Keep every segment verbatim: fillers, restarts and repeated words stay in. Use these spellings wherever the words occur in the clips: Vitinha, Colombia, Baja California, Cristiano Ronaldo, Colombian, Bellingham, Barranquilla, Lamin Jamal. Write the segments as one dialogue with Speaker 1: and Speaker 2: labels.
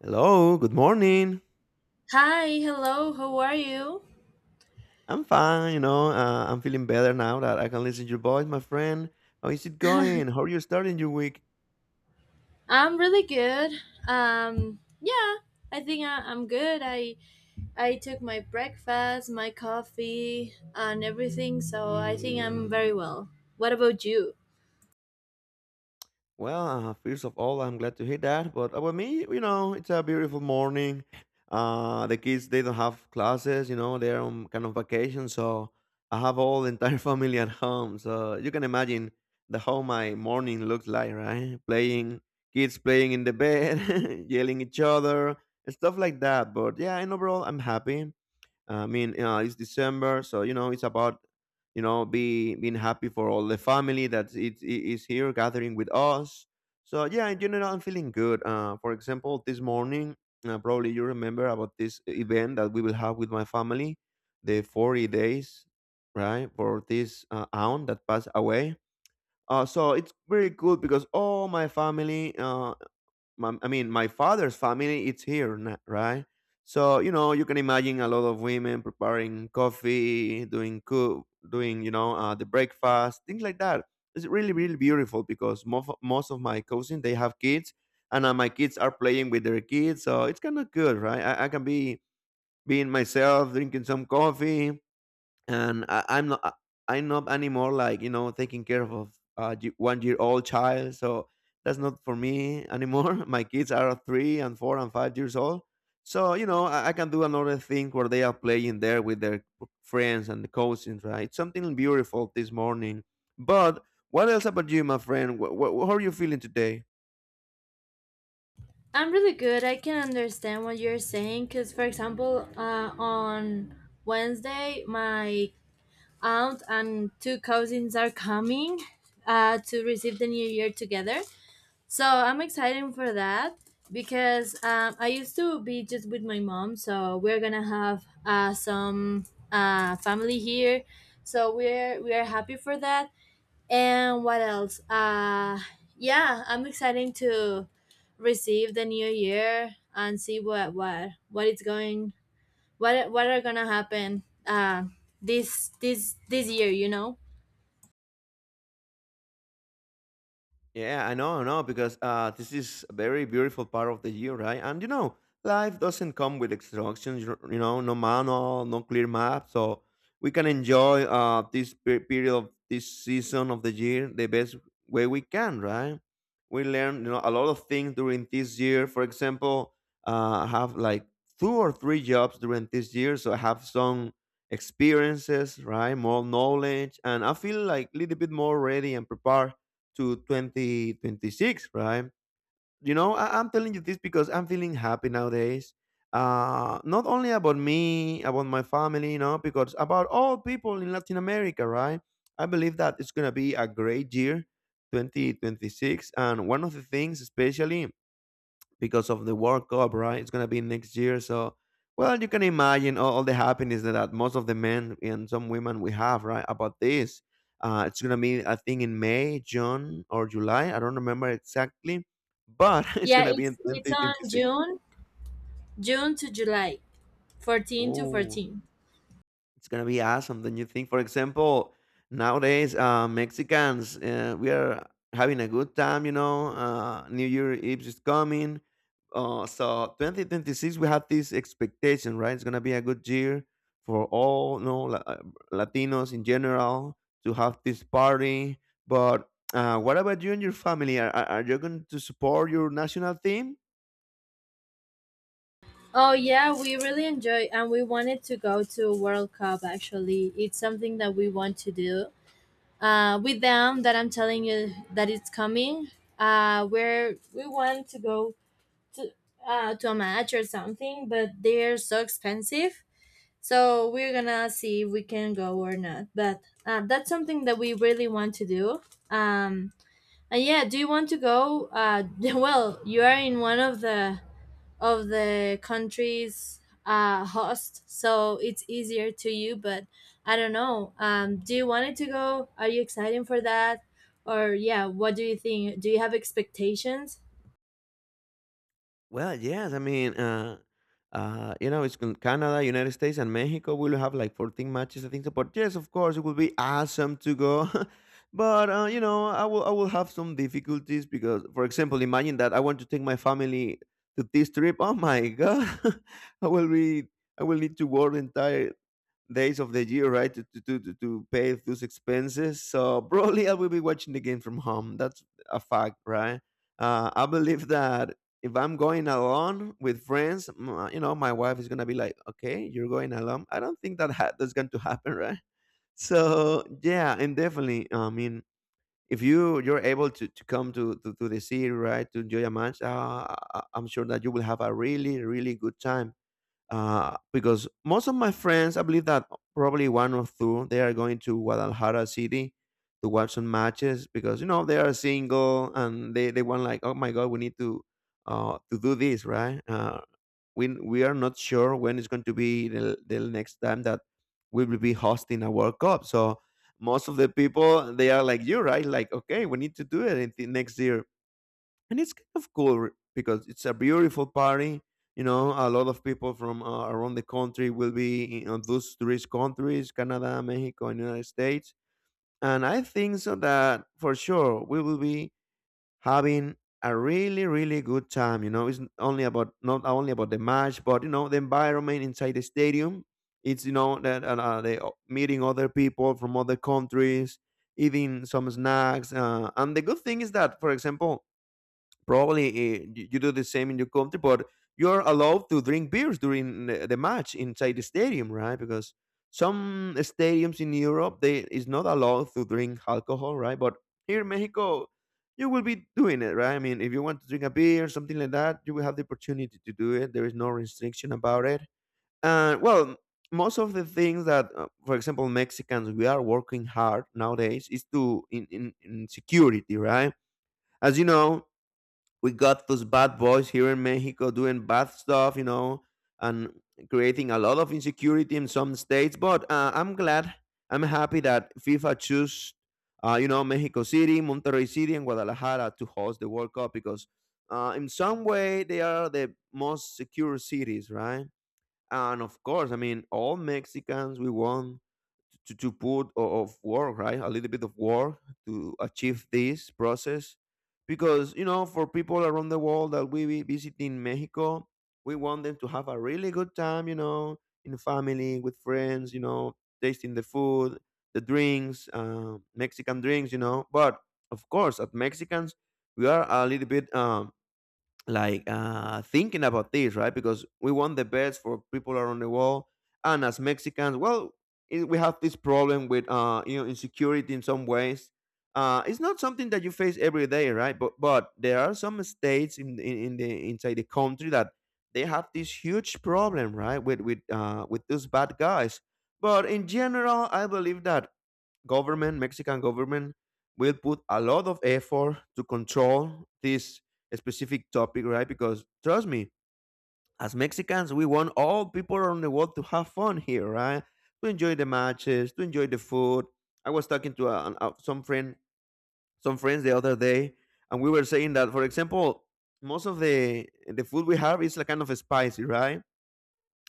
Speaker 1: Hello, good morning.
Speaker 2: Hi, hello, how are you?
Speaker 1: I'm fine, you know. Uh, I'm feeling better now that I can listen to your voice, my friend. How is it going? How are you starting your week?
Speaker 2: I'm really good. Um, yeah, I think I, I'm good. I I took my breakfast, my coffee, and everything, so I think I'm very well. What about you?
Speaker 1: Well, uh, first of all, I'm glad to hear that. But about me, you know, it's a beautiful morning. Uh, the kids they don't have classes, you know, they're on kind of vacation, so I have all the entire family at home. So you can imagine the how my morning looks like, right? Playing, kids playing in the bed, yelling each other, and stuff like that. But yeah, in overall, I'm happy. I mean, uh, it's December, so you know it's about you know be being happy for all the family that it, it is here gathering with us. So yeah, in general, I'm feeling good. Uh, for example, this morning, uh, probably you remember about this event that we will have with my family, the forty days, right, for this uh, aunt that passed away. Uh, so it's very good because all my family uh, my, I mean, my father's family, it's here, na- right? So, you know, you can imagine a lot of women preparing coffee, doing cook, doing, you know, uh, the breakfast, things like that. It's really, really beautiful because most, most of my cousins, they have kids and uh, my kids are playing with their kids. So it's kind of good, right? I, I can be being myself, drinking some coffee, and I, I'm not I- am not anymore like you know taking care of a one year old child. So that's not for me anymore. My kids are three and four and five years old. So you know I, I can do another thing where they are playing there with their friends and the cousins, right? Something beautiful this morning. But what else about you, my friend? What, what, how are you feeling today?
Speaker 2: I'm really good. I can understand what you're saying because, for example, uh, on Wednesday, my aunt and two cousins are coming uh, to receive the new year together. So I'm excited for that because um, I used to be just with my mom. So we're gonna have uh, some uh, family here. So we're we are happy for that. And what else? Uh, yeah, I'm excited to receive the new year and see what what what is going what what are gonna happen uh, this this this year. You know.
Speaker 1: Yeah, I know, I know, because uh, this is a very beautiful part of the year, right? And you know, life doesn't come with instructions, you you know, no manual, no clear map. So we can enjoy uh, this pe- period of this season of the year the best way we can, right? We learn, you know, a lot of things during this year. For example, uh, I have like two or three jobs during this year, so I have some experiences, right? More knowledge, and I feel like a little bit more ready and prepared to twenty twenty-six, right? You know, I, I'm telling you this because I'm feeling happy nowadays. Uh, not only about me, about my family, you know, because about all people in Latin America, right? I believe that it's going to be a great year, twenty twenty-six. And one of the things, especially because of the World Cup, right? It's gonna be next year, so well, you can imagine all, all the happiness that, that most of the men and some women we have, right, about this. Uh, it's gonna be, I think, in May, June, or July. I don't remember exactly, but it's
Speaker 2: Yeah,
Speaker 1: gonna be in
Speaker 2: it's it's on
Speaker 1: twenty twenty-six.
Speaker 2: June June to July, fourteen to
Speaker 1: Oh,
Speaker 2: fourteen.
Speaker 1: it's gonna be awesome, don't you think? For example, nowadays uh, Mexicans, uh, we are having a good time. You know, uh, New Year Eve is coming. Uh, so twenty twenty-six, we have this expectation, right? It's gonna be a good year for all, you know, La- uh, Latinos in general to have this party. But uh, what about you and your family? Are, are are you going to support your national team?
Speaker 2: Oh yeah, we really enjoy and we wanted to go to a World Cup actually. It's something that we want to do. Uh with them that I'm telling you that it's coming. Uh where we want to go to uh to a match or something, but they're so expensive. So we're gonna see if we can go or not. But uh, that's something that we really want to do. Um and yeah, do you want to go? Uh well, you are in one of the of the countries, uh, host, so it's easier to you. But I don't know. Um, do you want it to go? Are you excited for that? Or yeah, what do you think? Do you have expectations?
Speaker 1: Well, yes. I mean, uh, uh, you know, it's con- Canada, United States, and Mexico. We'll have like fourteen matches, I think. So, but yes, of course, it will be awesome to go. but uh, you know, I will I will have some difficulties because, for example, imagine that I want to take my family to this trip. Oh my god, I will be I will need to work the entire days of the year, right, to to to, to pay those expenses. So probably I will be watching the game from home. That's a fact, right? Uh, I believe that if I'm going alone with friends, m- uh, you know, my wife is gonna be like, "Okay, you're going alone." I don't think that ha- that's going to happen, right? So yeah, and definitely, I mean. If you you're able to, to come to, to, to the city, right, to enjoy a match, uh, I- I'm sure that you will have a really really good time uh, because most of my friends, I believe that probably one or two, they are going to Guadalajara City to watch some matches because you know they are single and they they want like, oh my god, we need to uh, to do this, right? Uh, we we are not sure when it's going to be the, the next time that we will be hosting a World Cup, so. Most of the people, they are like you, right? Like, okay, we need to do it in the next year and it's kind of cool re- because it's a beautiful party, you know, a lot of people from uh, around the country will be in on those tourist countries, Canada, Mexico, and United States, and I think so that for sure we will be having a really really good time, you know, it's n- only about not only about the match but you know the environment inside the stadium. It's you know that uh, uh, they o- meeting other people from other countries, eating some snacks, uh, and the good thing is that for example probably uh, you, you do the same in your country, but you're allowed to drink beers during the the match inside the stadium, right? Because some stadiums in Europe they is not allowed to drink alcohol, right? But here in Mexico, you will be doing it, right? I mean, if you want to drink a beer, something like that, you will have the opportunity to do it. There is no restriction about it. And well, most of the things that, uh, for example, Mexicans we are working hard nowadays is to in, in, in security, right? As you know, we got those bad boys here in Mexico doing bad stuff, you know, and creating a lot of insecurity in some states. But uh, I'm glad, I'm happy that FIFA choose, uh, you know, Mexico City, Monterrey City, and Guadalajara to host the World Cup because uh, in some way they are the most secure cities, right? And of course, I mean, all Mexicans, we want to, to put o- of work right a little bit of work to achieve this process because you know for people around the world that we be visiting Mexico, we want them to have a really good time, you know, in family with friends, you know, tasting the food, the drinks, uh, Mexican drinks, you know, but of course as Mexicans we are a little bit um, like uh, thinking about this, right? Because we want the best for people around the world, and as Mexicans, well, it, we have this problem with uh, you know insecurity in some ways. Uh, it's not something that you face every day, right? But but there are some states in in, in the inside the country that they have this huge problem, right, with with uh, with those bad guys. But in general, I believe that government, Mexican government, will put a lot of effort to control this specific topic, right? Because trust me, as Mexicans, we want all people around the world to have fun here, right? To enjoy the matches, to enjoy the food. I was talking to uh, an- uh, some friend, some friends the other day, and we were saying that, for example, most of the the food we have is like kind of spicy, right?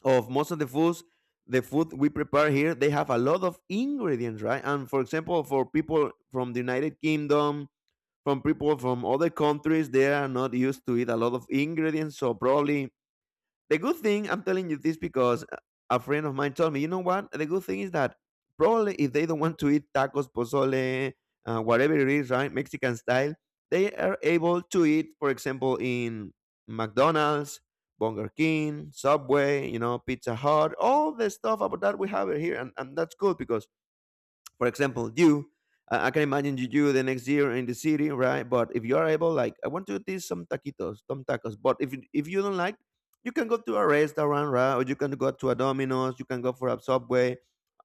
Speaker 1: of most of the foods the food we prepare here they have a lot of ingredients, right, and for example for people from the United Kingdom, from people from other countries, they are not used to eat a lot of ingredients, so probably the good thing, I'm telling you this because a friend of mine told me, you know what? The good thing is that probably if they don't want to eat tacos, pozole, uh, whatever it is, right? Mexican style, they are able to eat, for example, in McDonald's, Burger King, Subway, you know, Pizza Hut, all the stuff about that we have here. And, and that's good because for example you I I can imagine you, you the next year in the city, right? But if you are able, like, I want to eat some taquitos, some tacos. But if you- if you don't like, you can go to a restaurant, right? Or you can go to a Domino's. You can go for a Subway.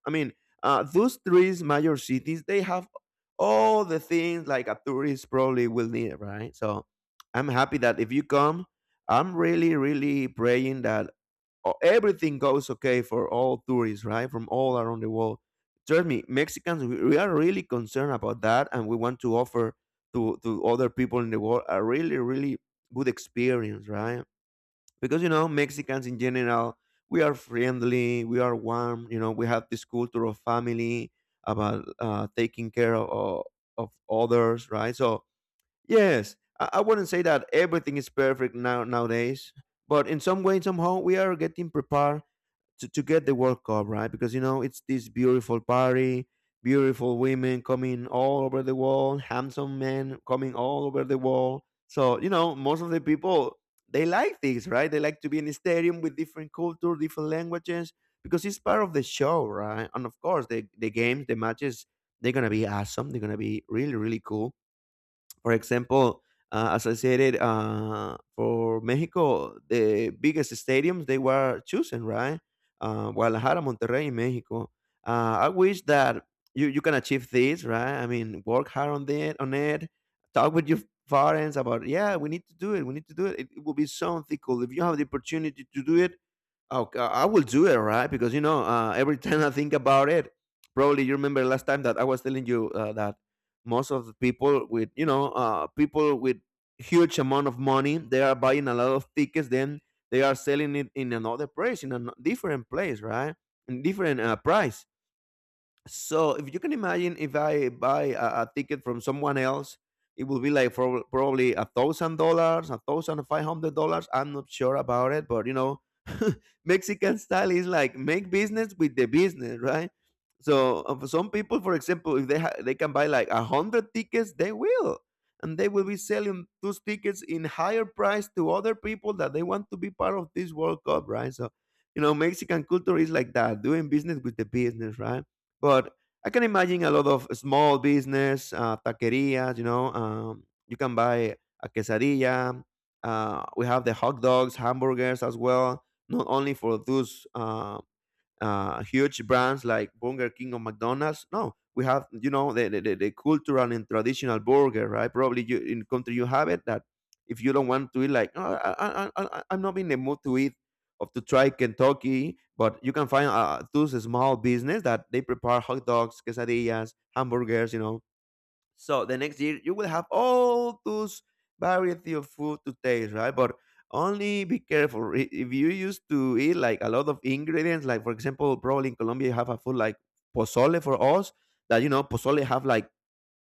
Speaker 1: I mean, uh, those three major cities, they have all the things like a tourist probably will need, right? So I'm happy that if you come, I'm really, really praying that o- everything goes okay for all tourists, right? From all around the world. Trust me, Mexicans, we, we are really concerned about that, and we want to offer to to other people in the world a really, really good experience, right? Because you know, Mexicans in general, we are friendly, we are warm. You know, we have this culture of family about uh, taking care of of others, right? So yes, I, I wouldn't say that everything is perfect now nowadays, but in some way, somehow, we are getting prepared to, to get the World Cup, right? Because you know it's this beautiful party, beautiful women coming all over the world, handsome men coming all over the world. So you know most of the people they like this, right? They like to be in a stadium with different culture, different languages, because it's part of the show, right? And of course, the the games, the matches, they're gonna be awesome. They're gonna be really really cool for example, uh, as I said it, uh, for Mexico, the biggest stadiums they were chosen, right? Uh, Guadalajara, Monterrey, in Mexico. Uh, I wish that you, you can achieve this, right? I mean, work hard on it, on it. Talk with your parents about, yeah, we need to do it. We need to do it. It, it will be something cool if you have the opportunity to do it. Oh, uh, I will do it, right? Because you know, uh, every time I think about it, probably you remember last time that I was telling you uh, that most of the people with you know uh, people with huge amount of money, they are buying a lot of tickets, then they are selling it in another place, in a different place, right? In different uh, price. So if you can imagine, if I buy a, a ticket from someone else, it will be like for, probably a thousand dollars, a thousand five hundred dollars. I'm not sure about it, but you know, Mexican style is like make business with the business, right? So uh, for some people, for example, if they ha- they can buy like a hundred tickets, they will, and they will be selling those tickets in higher price to other people that they want to be part of this World Cup, right? So you know, Mexican culture is like that, doing business with the business, right? But I can imagine a lot of small business, uh, taquerias, you know, um, you can buy a quesadilla. Uh, we have the hot dogs, hamburgers as well, not only for those uh, uh, huge brands like Burger King or McDonald's. No, we have you know the, the, the the cultural and traditional burger, right? Probably you, in country you have it that if you don't want to eat, like "Oh, I, I, I, I- I'm not in the mood to eat of to try Kentucky, but you can find uh, those small business that they prepare hot dogs, quesadillas, hamburgers, you know, so the next year you will have all those variety of food to taste, right? But only be careful I- if you used to eat like a lot of ingredients. Like for example, probably in Colombia you have a food like pozole for us that you know pozole have like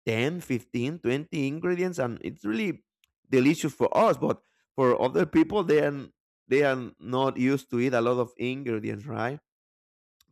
Speaker 1: ten, fifteen, twenty ingredients and it's really delicious for us, but for other people they are they are not used to eat a lot of ingredients, right?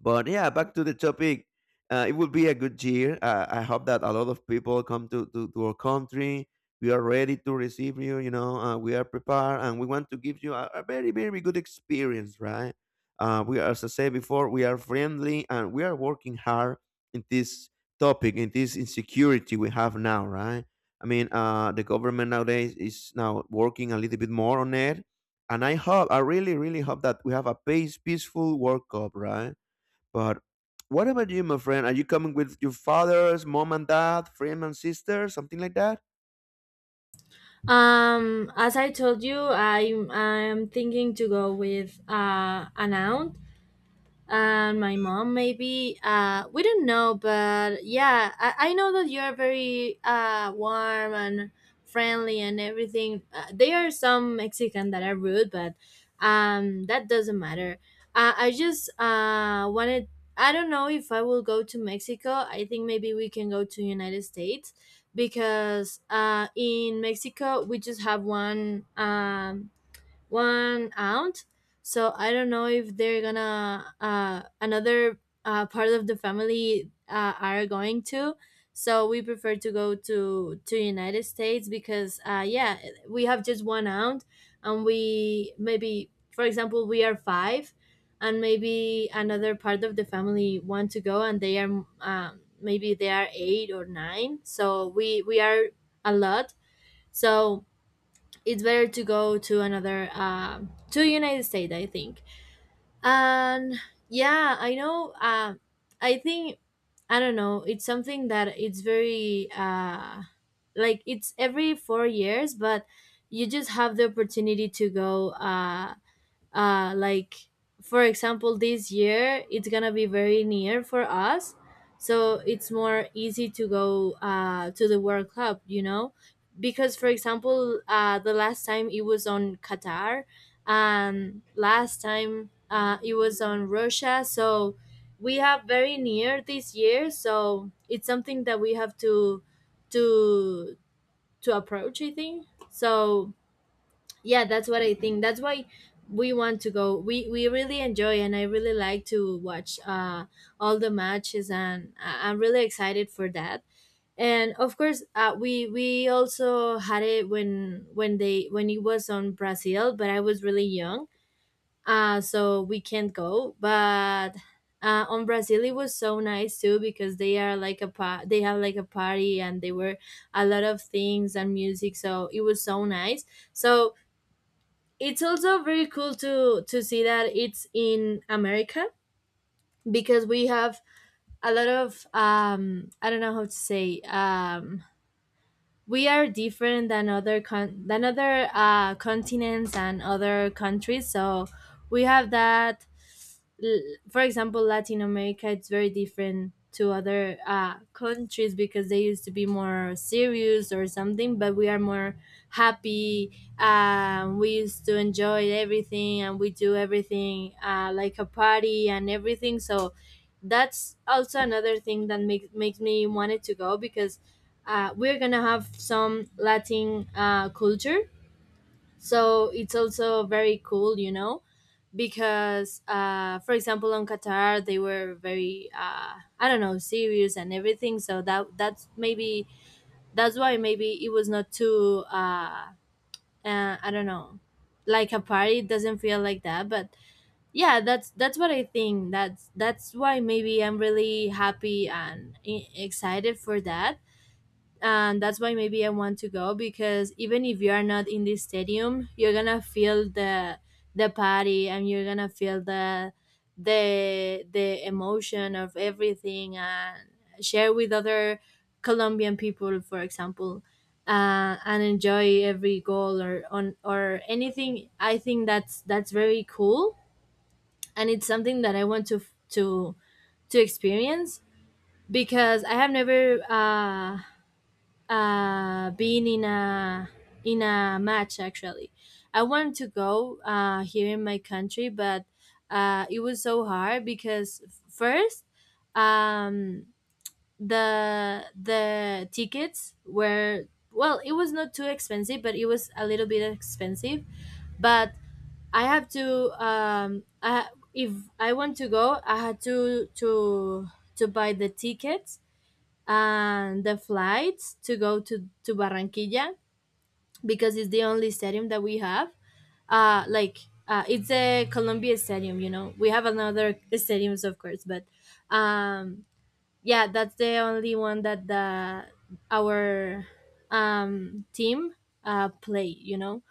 Speaker 1: But yeah, back to the topic. Uh, it will be a good year. Uh, I hope that a lot of people come to, to, to our country. We are ready to receive you. You know, uh, we are prepared, and we want to give you a, a very very good experience, right? Uh, we, are, as I said before, we are friendly and we are working hard in this topic, in this insecurity we have now, right? I mean, uh, the government nowadays is now working a little bit more on it, and I hope, I really, really hope that we have a peace, peaceful World Cup, right? But what about you, my friend? Are you coming with your father's mom and dad, friend and sister, something like that?
Speaker 2: Um, as I told you, I'm I'm thinking to go with uh, an aunt and my mom maybe. Uh we don't know, but yeah, i, I know that you're very uh warm and friendly and everything. Uh, there are some mexican that are rude, but um that doesn't matter. uh, I just uh wanted. I don't know if I will go to Mexico. I think maybe we can go to United States because uh in Mexico we just have one um one aunt. So I don't know if they're gonna, uh, another, uh, part of the family, uh, are going to. So we prefer to go to to United States because uh, yeah, we have just one aunt, and we maybe, for example, we are five, and maybe another part of the family want to go, and they are, um, maybe they are eight or nine. So we we are a lot. So it's better to go to another um to the United States, I think. And yeah, I know. um I think. I don't know, it's something that it's very, uh like, it's every four years, but you just have the opportunity to go. Uh uh like, for example, this year it's gonna be very near for us, so it's more easy to go uh to the World cup you know Because, for example, uh the last time it was on Qatar, and last time uh it was on Russia. So we have very near this year, so it's something that we have to to to approach, I think so. Yeah, that's what I think. That's why we want to go. We we really enjoy, and I really like to watch uh all the matches, and I- I'm really excited for that. And of course, uh, we we also had it when when they when it was on Brazil, but I was really young, uh so we can't go. But uh, on Brazil, it was so nice too because they are like a pa- they have like a party, and they were a lot of things and music, so it was so nice. So it's also very cool to to see that it's in America, because we have a lot of. um I don't know how to say. Um we are different than other con- than other, uh, continents and other countries. So we have that. l- for example, Latin America, it's very different to other, uh, countries, because they used to be more serious or something, but we are more happy. Um, we used to enjoy everything, and we do everything, uh, like a party and everything. So that's also another thing that makes makes me wanted to go, because uh, we're gonna have some Latin, uh, culture, so it's also very cool you know Because uh, for example, on Qatar, they were very, uh, I don't know, serious and everything, so that that's maybe, that's why maybe it was not too, uh, uh I don't know, like a party, it doesn't feel like that. But yeah, that's that's what I think. That's that's why maybe I'm really happy and e- excited for that. And that's why maybe I want to go, because even if you are not in the stadium, you're gonna feel the the party, and you're gonna feel the the the emotion of everything, and share with other Colombian people, for example, uh, and enjoy every goal or on or anything. I think that's that's very cool, and it's something that I want to to to experience, because I have never uh, uh, been in a in a match actually. I wanted to go uh, here in my country, but uh, it was so hard because first, um, the the tickets were, well, it was not too expensive, but it was a little bit expensive. But I have to um, I, if I want to go, I had to to to buy the tickets and the flights to go to, to Barranquilla, because it's the only stadium that we have. Uh, like, uh, it's a Colombia stadium, you know. We have another stadiums, of course, but um, yeah, that's the only one that the our, um, team, uh, play, you know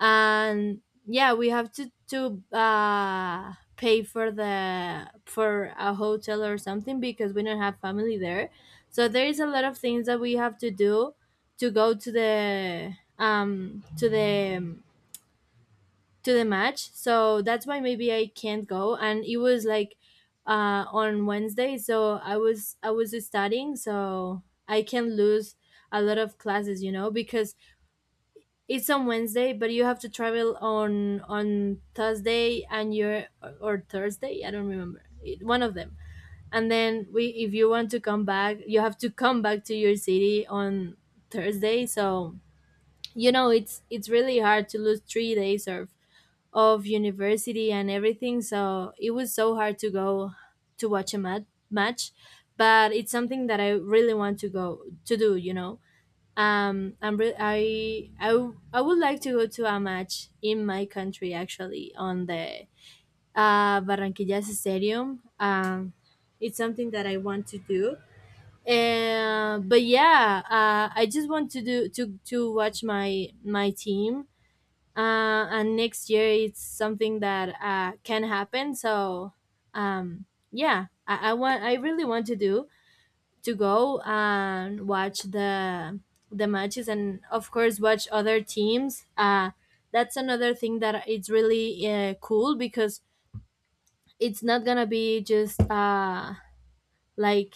Speaker 2: And yeah, we have to to uh pay for the for a hotel or something, because we don't have family there. So there is a lot of things that we have to do to go to the um to the to the match. So that's why maybe I can't go, and it was like uh on Wednesday, so i was i was studying, so I can lose a lot of classes, you know because it's on Wednesday, but you have to travel on on Thursday and your or or Thursday. I don't remember. It- one of them. And then we, if you want to come back, you have to come back to your city on Thursday. So you know it's it's really hard to lose three days of of university and everything. So it was so hard to go to watch a mat- match, but it's something that I really want to go to do. You know um, I'm re- I, I w- I would like to go to a match in my country actually on the, uh, Barranquillas Stadium. Um, it's something that I want to do. And but yeah, uh, I just want to do to to watch my my team. Uh, and next year it's something that, uh, can happen. So, um, yeah, I, I want I really want to do, to go and watch the the matches, and of course watch other teams. Uh that's another thing that it's really, uh, cool, because it's not gonna be just uh like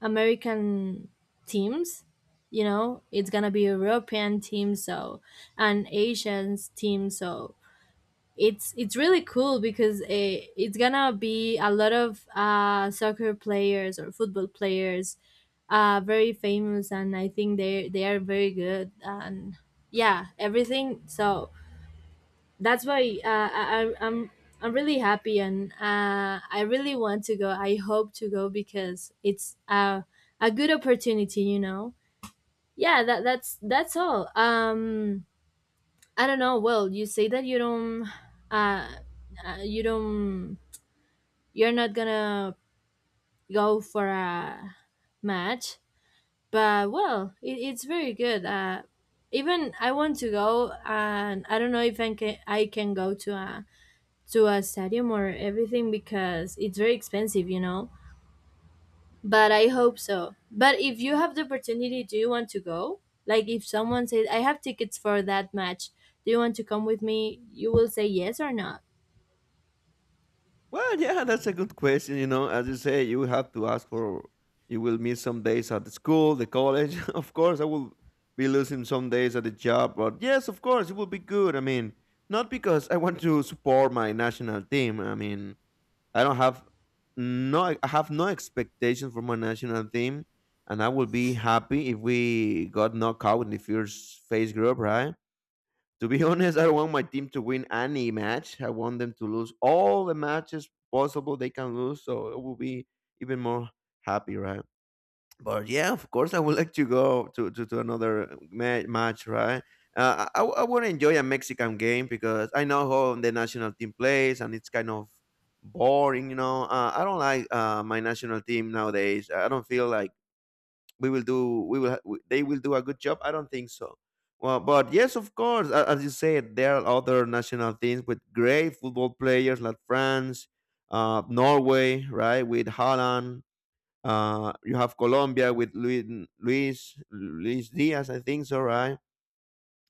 Speaker 2: American teams you know It's gonna be European teams, so and Asians teams, so it's it's really cool because it, it's gonna be a lot of, uh, soccer players or football players, uh, very famous, and I think they they are very good, and yeah, everything. So that's why, uh, I, I- i'm I'm really happy, and uh, I really want to go. I hope to go because it's, uh, a good opportunity you know Yeah, that that's that's all. um I don't know. Well, you say that you don't, uh, uh, you don't, you're not gonna go for a match, but well, it, it's very good. Uh, even I want to go, and I don't know if I can, I can go to a to a stadium or everything, because it's very expensive, you know. But I hope so. But if you have the opportunity, do you want to go? Like, if someone says, "I have tickets for that match," do you want to come with me? You will say yes or not.
Speaker 1: Well, yeah, that's a good question. You know, as you say, you have to ask for. You will miss some days at the school, the college. Of course, I will be losing some days at the job, but yes, of course, it will be good. I mean, not because I want to support my national team. I mean, I don't have no I have no expectations from my national team, and I will be happy if we got knocked out in the first phase group, right? To be honest, I don't want my team to win any match. I want them to lose all the matches possible they can lose, so it will be even more happy, right? But yeah, of course, I would like to go to to, to another ma- match, right? Uh, I, I would enjoy a Mexican game because I know how the national team plays, and it's kind of boring, you know. Uh, I don't like uh, my national team nowadays. I don't feel like we will do we will ha- we- they will do a good job. I don't think so. Well, but yes, of course, a- as you said, there are other national teams with great football players like France, uh, Norway, right, with Holland uh, you have Colombia with Luis, Luis, Luis Diaz, I think so, right?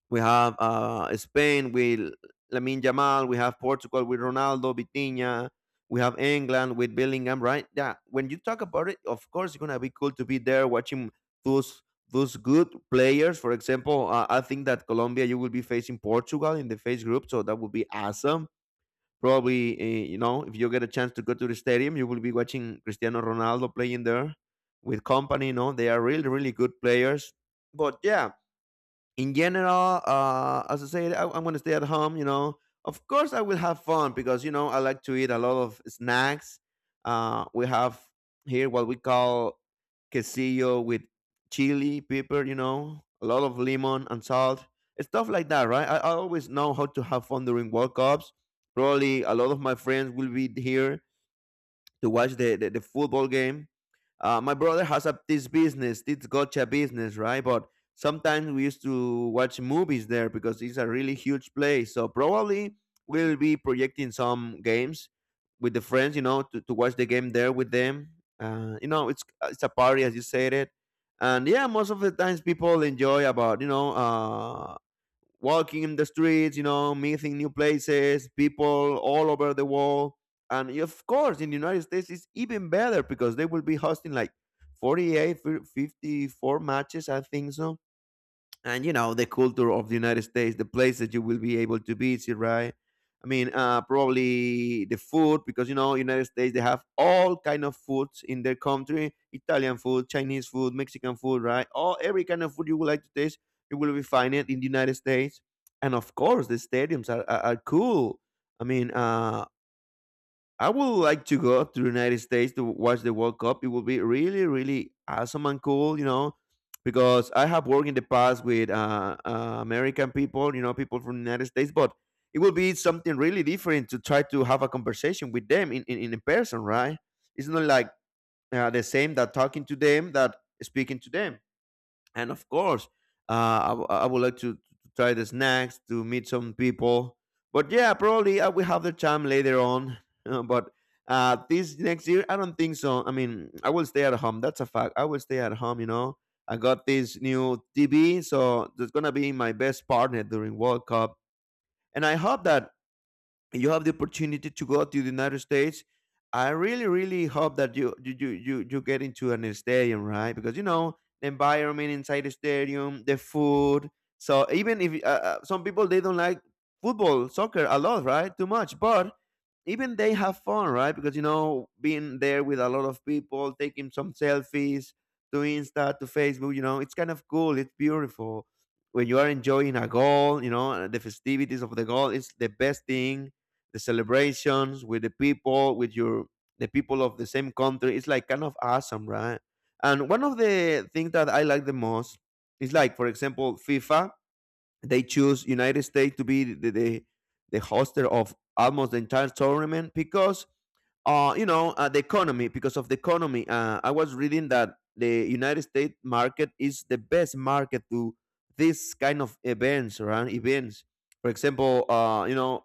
Speaker 1: We have uh, Spain with Lamin Jamal. We have Portugal with Ronaldo, Vitinha. We have England with Bellingham, right? Yeah. When you talk about it, of course, it's gonna be cool to be there watching those those good players. For example, uh, I think that Colombia you will be facing Portugal in the face group, so that would be awesome. Probably, eh, you know, if you get a chance to go to the stadium, you will be watching Cristiano Ronaldo playing there with company. You know, they are really, really good players. But yeah, in general, uh, as I said, I, I'm going to stay at home. You know, of course, I will have fun because you know I like to eat a lot of snacks. Uh, we have here what we call quesillo with chili, pepper. You know, a lot of lemon and salt, stuff like that. Right? I, I always know how to have fun during World Cups. Probably a lot of my friends will be here to watch the, the, the football game uh, my brother has a, this business, this gotcha business, right? But sometimes we used to watch movies there because it's a really huge place. So probably we'll be projecting some games with the friends, you know, to, to watch the game there with them. Uh, you know, it's it's a party as you said it, and yeah, most of the times people enjoy about you know uh, walking in the streets, you know, meeting new places, people all over the world. And of course, in the United States, it's even better because they will be hosting like forty-eight, fifty-four matches, I think so. And you know the culture of the United States, the place that you will be able to visit, right? I mean, uh, probably the food because you know United States they have all kind of foods in their country: Italian food, Chinese food, Mexican food, right? All every kind of food you would like to taste, you will be find it in the United States. And of course, the stadiums are are, are cool. I mean, uh, I would like to go to the United States to watch the World Cup. It would be really, really awesome and cool, you know, because I have worked in the past with uh, uh, American people, you know, people from the United States, but it would be something really different to try to have a conversation with them in, in, in person, right? It's not like uh, the same that talking to them that speaking to them and of course uh, I, w- I would like to, try the snacks to meet some people but yeah probably I will have the time later on. Uh, but uh, this next year I don't think so I mean I will stay at home that's a fact I will stay at home you know I got this new tv so that's gonna be my best partner during world cup and I hope that you have the opportunity to go to the United States. I really, really hope that you you you you you get into an stadium, right? Because you know the environment inside the stadium, the food. So even if uh, uh, some people they don't like football, soccer a lot, right? Too much, but even they have fun, right? Because you know being there with a lot of people, taking some selfies to Insta, to Facebook, you know, it's kind of cool. It's beautiful when you are enjoying a goal, you know, the festivities of the goal. It's the best thing, the celebrations with the people, with your the people of the same country. It's like kind of awesome, right? And one of the things that I like the most is like, for example, FIFA. They choose United States to be the the, the hoster of almost the entire tournament because uh, you know, uh, the economy, because of the economy, uh, I was reading that the United States market is the best market to this kind of events, right? Events, for example, uh, you know,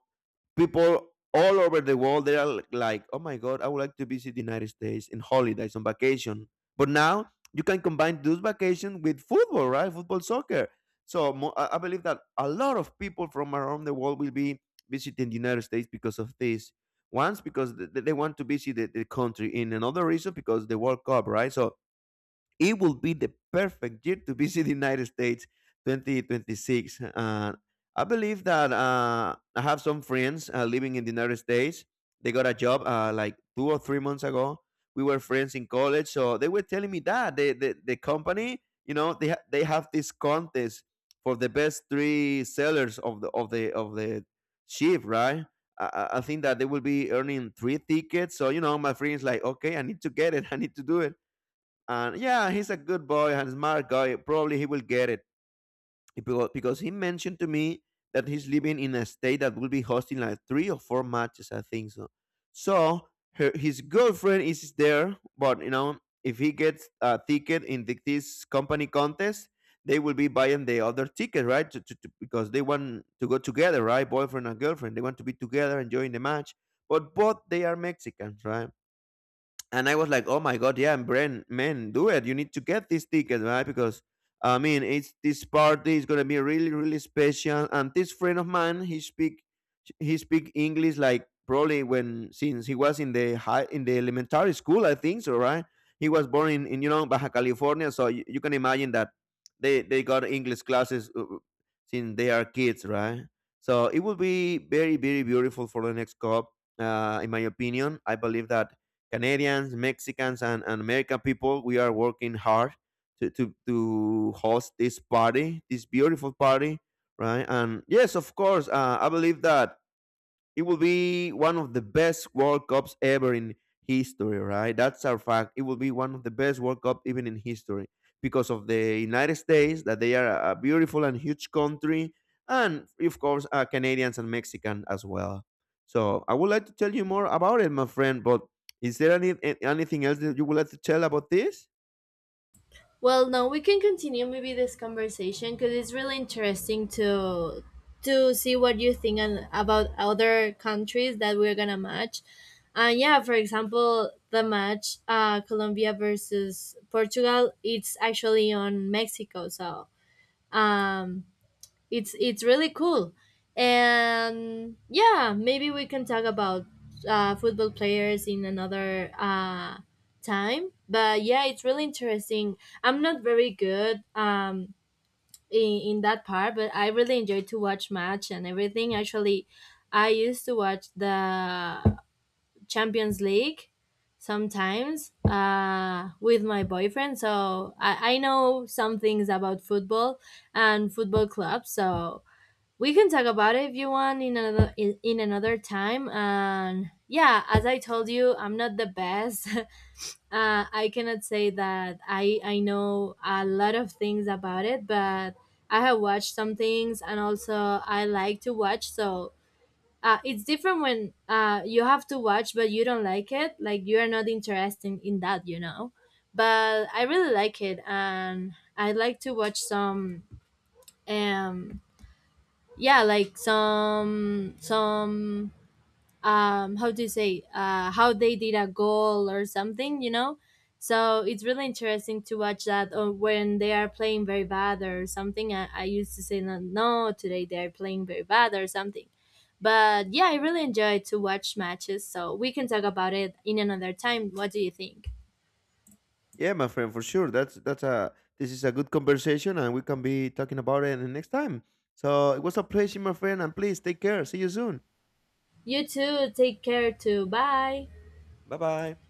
Speaker 1: people all over the world they are l- like, oh my god, I would like to visit the United States in holidays on vacation. But now you can combine those vacations with football, right? Football, soccer. So mo- I I believe that a lot of people from around the world will be visiting the United States because of this. Once because th- they want to visit the, the country, in another reason because the World Cup, right? So it will be the perfect year to visit the United States twenty twenty-six. Uh, I believe that uh, I have some friends uh, living in the United States. They got a job uh, like two or three months ago. We were friends in college, so they were telling me that the the, the company, you know, they ha- they have this contest for the best three sellers of the of the of the ship, right? I, I I think that they will be earning three tickets. So you know, my friend's like, okay, I need to get it. I need to do it. And yeah, he's a good boy and smart guy. Probably he will get it because, because he mentioned to me that he's living in a state that will be hosting like three or four matches, I think so. So her, his girlfriend is there, but you know, if he gets a ticket in the, this company contest, they will be buying the other ticket, right? To, to, to- because they want to go together, right? Boyfriend and girlfriend, they want to be together, enjoying the match. But both they are Mexicans, right? And I was like, "Oh my god, yeah, Bren, man, do it! You need to get this ticket, right? Because I mean, it's this party is gonna be really, really special. And this friend of mine, he speak, he speak English like probably when since he was in the high in the elementary school, I think so, right? He was born in, in you know Baja California, so you, you can imagine that they they got English classes uh, uh, since they are kids, right? So it will be very, very beautiful for the next cup, uh, in my opinion. I believe that Canadians, Mexicans, and, and American people, we are working hard to, to, to host this party, this beautiful party, right? And yes, of course, uh, I believe that it will be one of the best World Cups ever in history, right? That's our fact. It will be one of the best World Cup even in history because of the United States, that they are a beautiful and huge country, and of course, uh, Canadians and Mexican as well. So I would like to tell you more about it, my friend. But is there any a- anything else that you would like to tell about this?
Speaker 2: Well, no, we can continue maybe this conversation because it's really interesting to to see what you think, and about other countries that we're gonna match. And yeah, for example, the match, uh, Colombia versus Portugal, it's actually on Mexico. So, um, it's it's really cool, and yeah, maybe we can talk about, uh, football players in another, uh, time, but yeah, it's really interesting. I'm not very good, um, in, in that part, but I really enjoy to watch match and everything. Actually, I used to watch the Champions League sometimes, uh, with my boyfriend, so I, I know some things about football and football clubs, so we can talk about it if you want, in another in, in another time. And yeah, as I told you, I'm not the best. uh, I cannot say that i i know a lot of things about it, but I have watched some things, and also I like to watch, so uh, it's different when, uh, you have to watch but you don't like it, like you are not interested in that you know But I really like it, and I like to watch some. um yeah, like some some, um how do you say, uh how they did a goal or something you know So it's really interesting to watch that, or when they are playing very bad or something. i, I used to say, "No, no, today they're playing very bad," or something. But yeah, I really enjoy to watch matches, so we can talk about it in another time. What do you think?
Speaker 1: Yeah, my friend, for sure. That's that's a this is a good conversation, and we can be talking about it in the next time. So it was a pleasure, my friend, and please take care. See you soon.
Speaker 2: You too, take care too. Bye.
Speaker 1: Bye bye.